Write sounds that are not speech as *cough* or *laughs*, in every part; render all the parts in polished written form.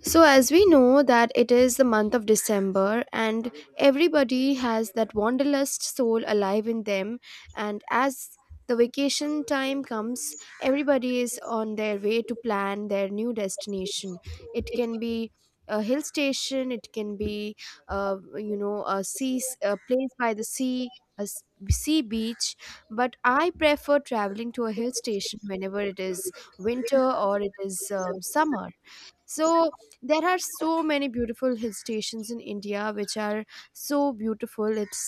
So as we know that it is the month of December, and everybody has that wanderlust soul alive in them. And as the vacation time comes, everybody is on their way to plan their new destination. It can be a hill station, it can be you know, a a place by the sea, a sea beach. But I prefer traveling to a hill station whenever it is winter or it is summer. So there are so many beautiful hill stations in India which are so beautiful. it's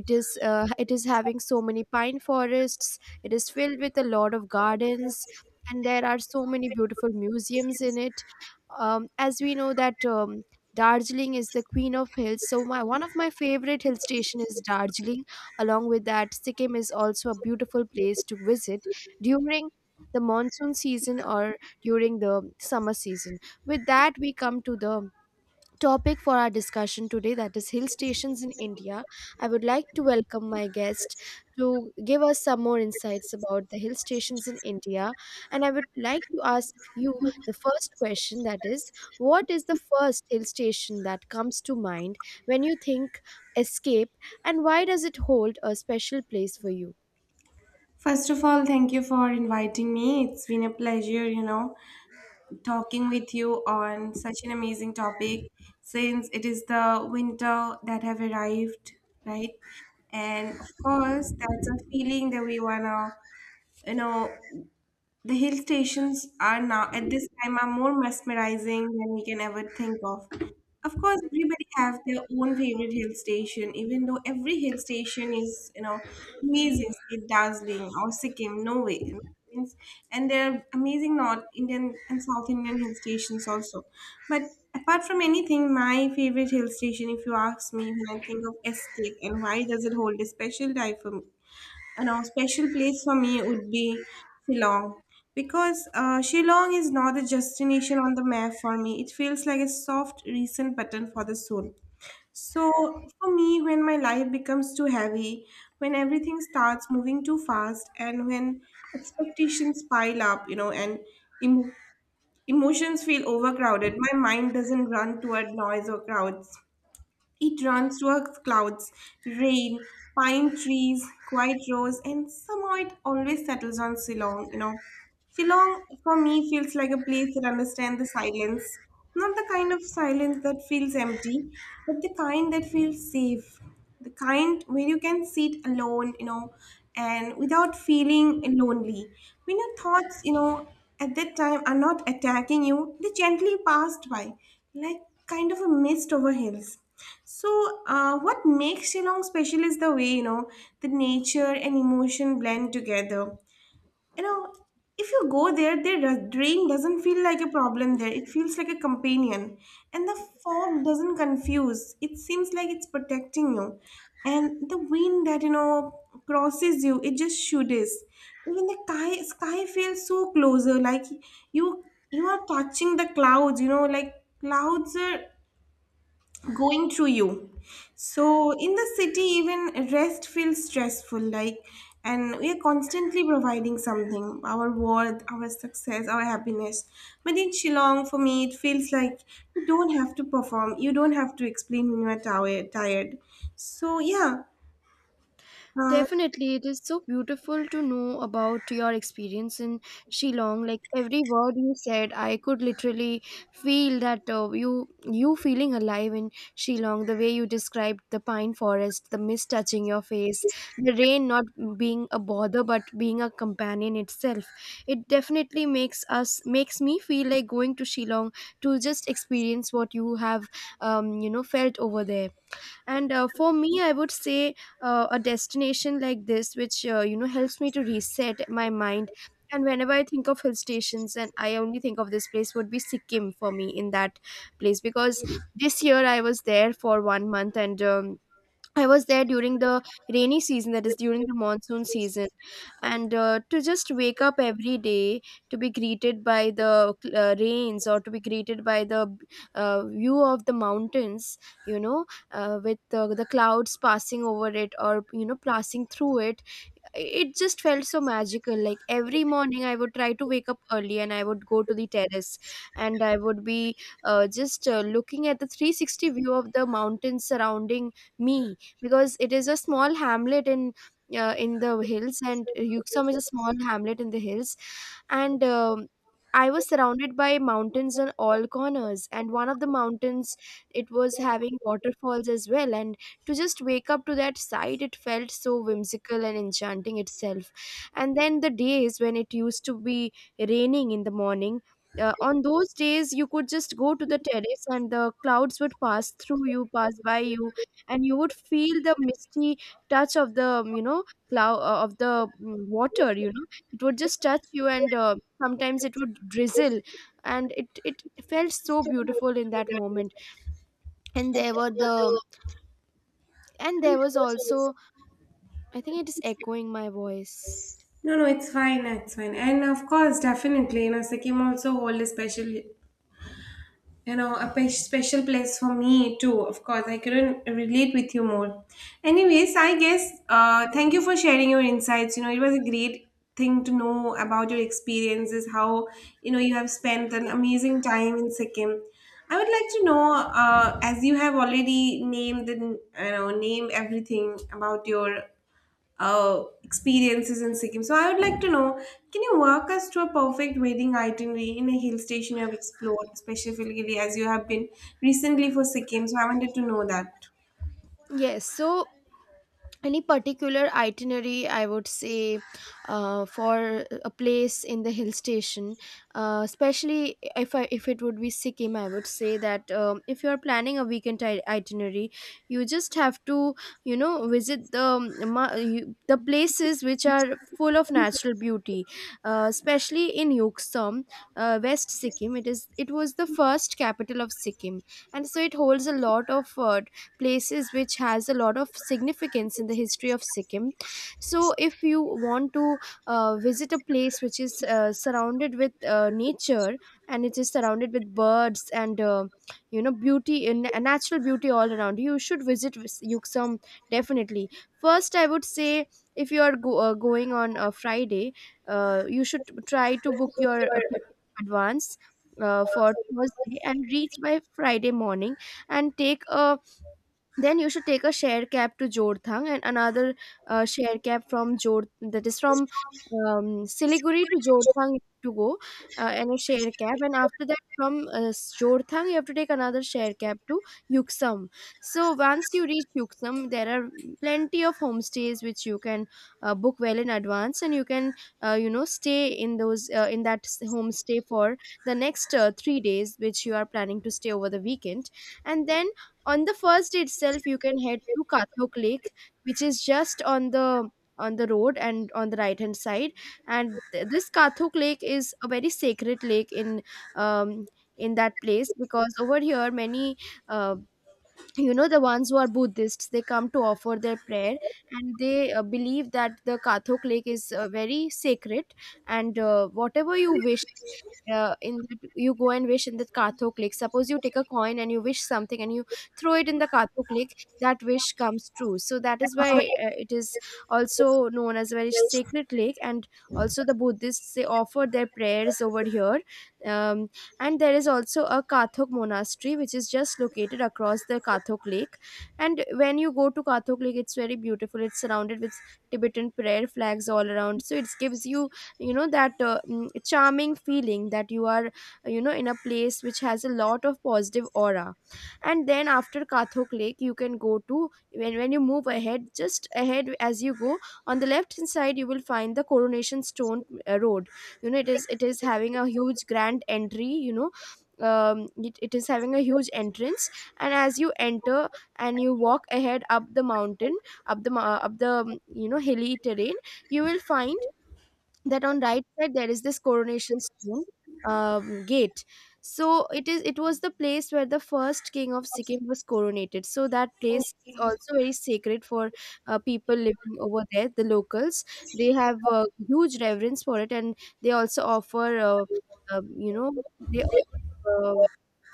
it is uh, it is having so many pine forests. It is filled with a lot of gardens, and there are so many beautiful museums in it. As we know that, Darjeeling is the queen of hills. So my one of my favorite hill station is Darjeeling. Along with that, Sikkim is also a beautiful place to visit during the monsoon season or during the summer season. With that, we come to the topic for our discussion today, that is hill stations in India. I would like to welcome my guest to give us some more insights about the hill stations in India. And I would like to ask you the first question, that is, what is the first hill station that comes to mind when you think escape, and why does it hold a special place for you? First of all, thank you for inviting me. It's been a pleasure, you know, talking with you on such an amazing topic since it is the winter that have arrived, right? And of course, that's a feeling that we wanna, you know, the hill stations are now at this time are more mesmerizing than we can ever think of. Of course, everybody have their own favorite hill station, even though every hill station is, you know, amazing, say dazzling or Sikkim, Norway. Means, and there are amazing North Indian and South Indian hill stations also. But apart from anything, my favorite hill station, if you ask me, when I think of escape and why does it hold a special tie for me, and a special place for me would be Shillong because Shillong is not a destination on the map for me. It feels like a soft, recent button for the soul. So, for me, when my life becomes too heavy, when everything starts moving too fast, and when expectations pile up, you know, and emo emotions feel overcrowded, my mind doesn't run toward noise or crowds. It runs through clouds, rain, pine trees, quiet roads, and somehow it always settles on Shillong, you know. Shillong, for me, feels like a place that understands the silence. Not the kind of silence that feels empty, but the kind that feels safe. The kind where you can sit alone, you know, and without feeling lonely. When your thoughts, you know, at that time are not attacking you, they gently passed by, like kind of a mist over hills. So, what makes Shillong special is the way you know the nature and emotion blend together. You know, if you go there, the rain doesn't feel like a problem there. It feels like a companion, and the fog doesn't confuse. It seems like it's protecting you, and the wind that you know crosses you, it just shoots. Even the sky feels so closer, like you you are touching the clouds. You know, like clouds are going through you. So in the city even rest feels stressful, like, and we are constantly providing something, our worth, our success, our happiness. But in Shillong, for me, it feels like you don't have to perform, you don't have to explain when you are tired. So yeah. uh, Definitely, it is so beautiful to know about your experience in Shillong. Like every word you said, I could literally feel that you feeling alive in Shillong. The way you described the pine forest, the mist touching your face, the rain not being a bother but being a companion itself. It definitely makes me feel like going to Shillong to just experience what you have felt over there. And for me, I would say a destination like this, which you know, helps me to reset my mind, and whenever I think of hill stations, and I only think of this place, would be Sikkim for me. In that place, because this year I was there for 1 month. And I was there during the rainy season, that is during the monsoon season. And to just wake up every day to be greeted by the rains, or to be greeted by the view of the mountains, you know, with the clouds passing over it, or you know, passing through it. It just felt so magical. Like every morning, I would try to wake up early, and I would go to the terrace, and I would be just looking at the 360 view of the mountains surrounding me, because it is a small hamlet in the hills. And Yuksam is a small hamlet in the hills. And I was surrounded by mountains on all corners, and one of the mountains, it was having waterfalls as well. And to just wake up to that sight, it felt so whimsical and enchanting itself. And then the days when it used to be raining in the morning, on those days you could just go to the terrace, and the clouds would pass by you, and you would feel the misty touch of the, you know, cloud of the mm, water, you know. It would just touch you, and sometimes it would drizzle, and it felt so beautiful in that moment. And there were the and there was also, I think it is echoing my voice. no, no, it's fine, it's fine. And of course, definitely, you know, Sikkim also hold a special, you know, a special place for me too. Of course, I couldn't relate with you more. Anyways, I guess, thank you for sharing your insights. You know, it was a great thing to know about your experiences, how, you know, you have spent an amazing time in Sikkim. I would like to know, as you have already named the, you know, name everything about your experiences in Sikkim. So I would like to know, can you walk us through a perfect wedding itinerary in a hill station you have explored, specifically as you have been recently for Sikkim? So I wanted to know that. Yes, so any particular itinerary, I would say for a place in the hill station, especially if it would be Sikkim, I would say that, if you are planning a weekend itinerary, you just have to, you know, visit the places which are full of natural beauty, especially in Yuksom, West Sikkim. It is it was the first capital of Sikkim, and so it holds a lot of places which has a lot of significance in the history of Sikkim. So if you want to visit a place which is surrounded with nature, and it is surrounded with birds and you know, beauty in natural beauty all around you, you should visit Yuksum definitely. First, I would say, if you are going on a Friday, you should try to book your ticket in advance, for Thursday, and reach by Friday morning. And take a then you should take a shared cab to Jorthang, and another shared cab from Jor that is from Siliguri to Jorthang to go, and a shared cab and after that from Jorthang, you have to take another shared cab to Yuksam. So once you reach Yuksam, there are plenty of homestays which you can book well in advance, and you can you know, stay in those in that s- homestay for the next 3 days which you are planning to stay over the weekend. And then on the first day itself, you can head to Kathok Lake, which is just on the road and on the right hand side. And this Kathok Lake is a very sacred lake in, um, in that place, because over here many uh, you know, the ones who are Buddhists, they come to offer their prayer, and they believe that the Kathok Lake is very sacred. And whatever you wish in that, you go and wish in the Kathok Lake. Suppose you take a coin and you wish something and you throw it in the Kathok Lake, that wish comes true. So that is why it is also known as a very sacred lake, and also the Buddhists, they offer their prayers over here. um, and there is also a Kathok monastery which is just located across the Kathok Lake. And when you go to Kathok Lake, it's very beautiful. It's surrounded with Tibetan prayer flags all around, so it gives you, you know, that charming feeling that you are, you know, in a place which has a lot of positive aura. And then after Kathok Lake, you can go to when you move ahead, just ahead as you go on the left hand side, you will find the coronation stone road. You know, it is having a huge grand entry, you know, it is having a huge entrance. And as you enter, and you walk ahead up the mountain, up the you know, hilly terrain, you will find that on right side there is this coronation stone gate. So it was the place where the first king of Sikkim was coronated, so that place is also very sacred for people living over there, the locals. They have huge reverence for it, and they also offer you know, they offer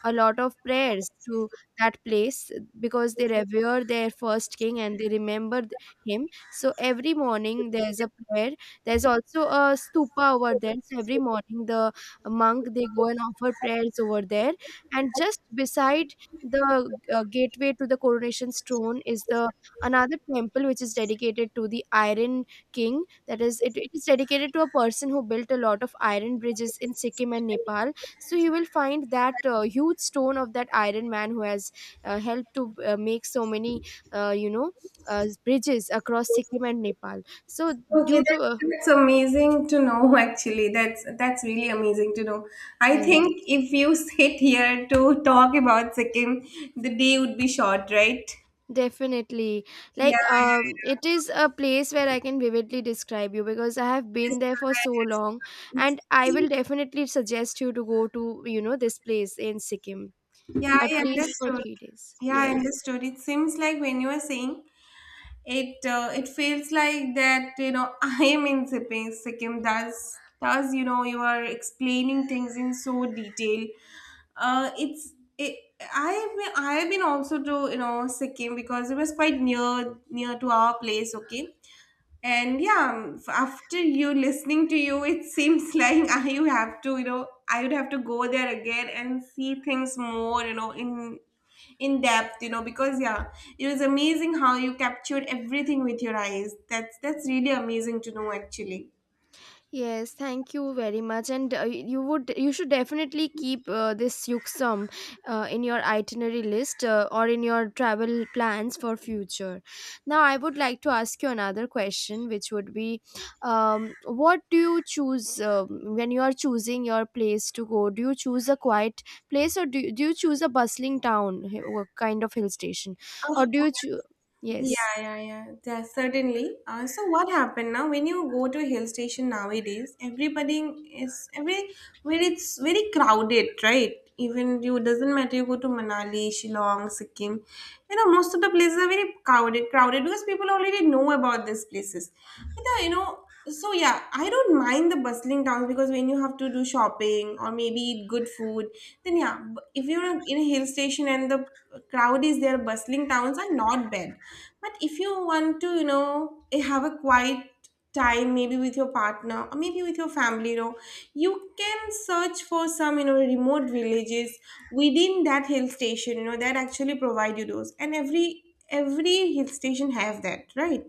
a lot of prayers to that place, because they revere their first king and they remember him. So every morning there's a prayer, there's also a stupa over there. So every morning the monk, they go and offer prayers over there. And just beside the gateway to the coronation stone is the another temple which is dedicated to the Iron King. That is, it is dedicated to a person who built a lot of iron bridges in Sikkim and Nepal. So you will find that huge stone of that Iron Man who has helped to make so many uh, you know, bridges across Sikkim and Nepal. So Okay, due to that's amazing to know *laughs* actually. That's really amazing to know. I yes, think if you sit here to talk about Sikkim, the day would be short, right? definitely. Yeah, Like, yeah, it yeah. is a place where I can vividly describe you because I have been there for so It's- long, and it I seems. will definitely suggest you to go to, you know, this place in Sikkim Yeah, at I least for understood. 3 days. Yeah, I Yes. understood. It seems like when you are saying it, it feels like that, you know, *laughs* I am in Sikkim. Does you know, you are explaining things in so detail. Uh, it's, it, I have been, also to, you know, Sikkim because it was quite near to our place, okay? And yeah, after you listening to you, it seems *laughs* like I you have to, you know, I would have to go there again and see things more, you know, in depth, you know, because yeah, it was amazing how you captured everything with your eyes. That's really amazing to know actually. Yes, thank you very much. And you would, you should definitely keep this Yuksum in your itinerary list, or in your travel plans for future. Now, I would like to ask you another question, which would be, what do you choose, when you are choosing your place to go? Do you choose a quiet place, or do you choose a bustling town, kind of hill station, Of or do you course. choose? Yes. Yeah, yeah, yeah. Yeah, certainly. So what happened now? When you go to a hill station nowadays, everybody is every where it's very crowded, right? Even you doesn't matter you go to Manali, Shillong, Sikkim, you know most of the places are very crowded because people already know about these places. But, you know, so yeah, I don't mind the bustling towns because when you have to do shopping or maybe eat good food, then yeah, if you're in a hill station and the crowd is there, bustling towns are not bad. But if you want to, you know, have a quiet time maybe with your partner or maybe with your family, you know, you can search for some, you know, remote villages within that hill station, you know, that actually provide you those. And every hill station have that, right?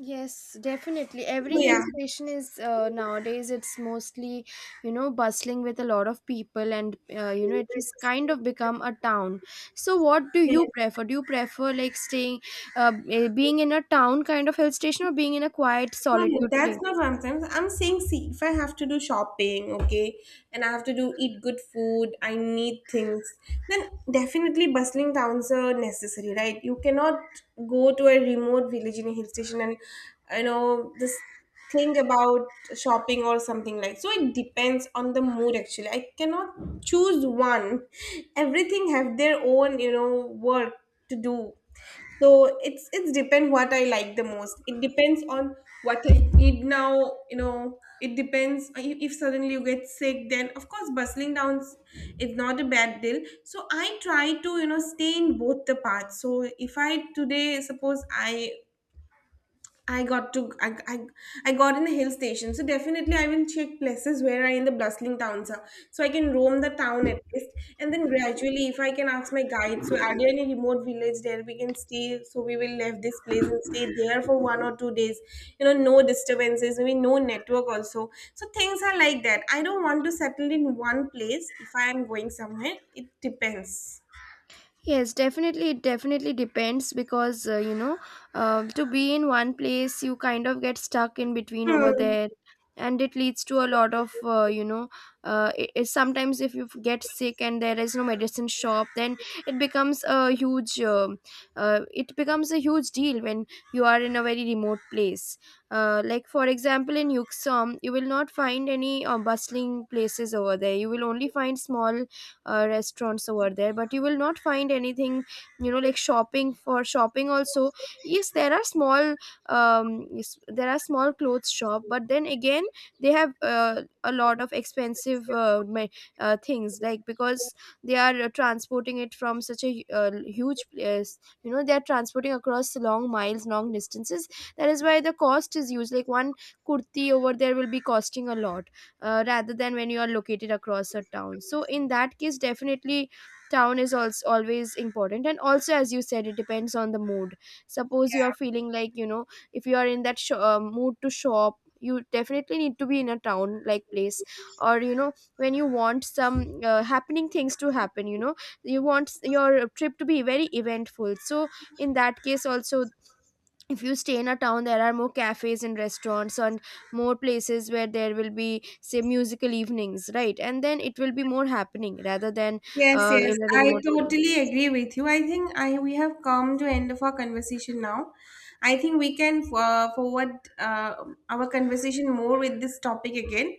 Yes, definitely. So Every hill yeah. station is, nowadays, it's mostly, you know, bustling with a lot of people, and you know, it has kind of become a town. So what do you prefer? Do you prefer like staying being in a town kind of hill station, or being in a quiet No, solitude that's not place? what I'm saying. I'm saying, see, if I have to do shopping, okay, and I have to do eat good food, I need things, then definitely bustling towns are necessary, right? You cannot go to a remote village in a hill station and, you know, this thing about shopping or something like. So it depends on the mood. Actually, I cannot choose one. Everything have their own, you know, work to do. So it's depend what I like the most. It depends on what I need now. You know, it depends, if suddenly you get sick. Then of course, bustling down is not a bad deal. So I try to, you know, stay in both the paths. So if I today suppose I got to I got in the hill station, so definitely I will check places where I in the bustling towns are, so I can roam the town at least, and then gradually, if I can ask my guide, so are there any remote village there we can stay? So we will leave this place and stay there for 1 or 2 days, you know, no disturbances, maybe no network also. So things are like that. I don't want to settle in one place if I am going somewhere. It depends. Yes, definitely. It definitely depends, because, you know, to be in one place, you kind of get stuck in between over Hmm. there. And it leads to a lot of, you know, sometimes if you get sick and there is no medicine shop, then it becomes a huge, it becomes a huge deal when you are in a very remote place. Like for example, in Yuksom, you will not find any bustling places over there. You will only find small restaurants over there, but you will not find anything, you know, like shopping. For shopping also, yes, there are small yes, there are small clothes shop, but then again, they have a lot of expensive things, like, because they are transporting it from such a huge place, you know, they are transporting across long distances. That is why the cost is huge. Like one kurti over there will be costing a lot, rather than when you are located across a town. So in that case, definitely town is also always important. And also, as you said, it depends on the mood. Suppose you are feeling like, you know, if you are in that mood to shop, you definitely need to be in a town like place. Or you know, when you want some happening things to happen, you know, you want your trip to be very eventful. So in that case also, if you stay in a town, there are more cafes and restaurants, and more places where there will be, say, musical evenings, right? And then it will be more happening rather than Yes, yes, in a I remote place. totally agree with you. I think I we have come to end of our conversation now. I think we can forward our conversation more with this topic again,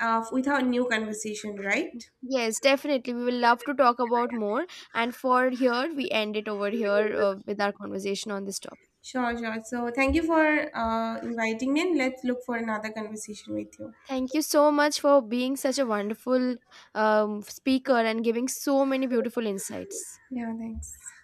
with our new conversation, right? Yes, definitely, we will love to talk about more. And for here we end it over here, with our conversation on this topic. Sure, sure. So thank you for inviting me, and let's look for another conversation with you. Thank you so much for being such a wonderful speaker and giving so many beautiful insights. Yeah, thanks.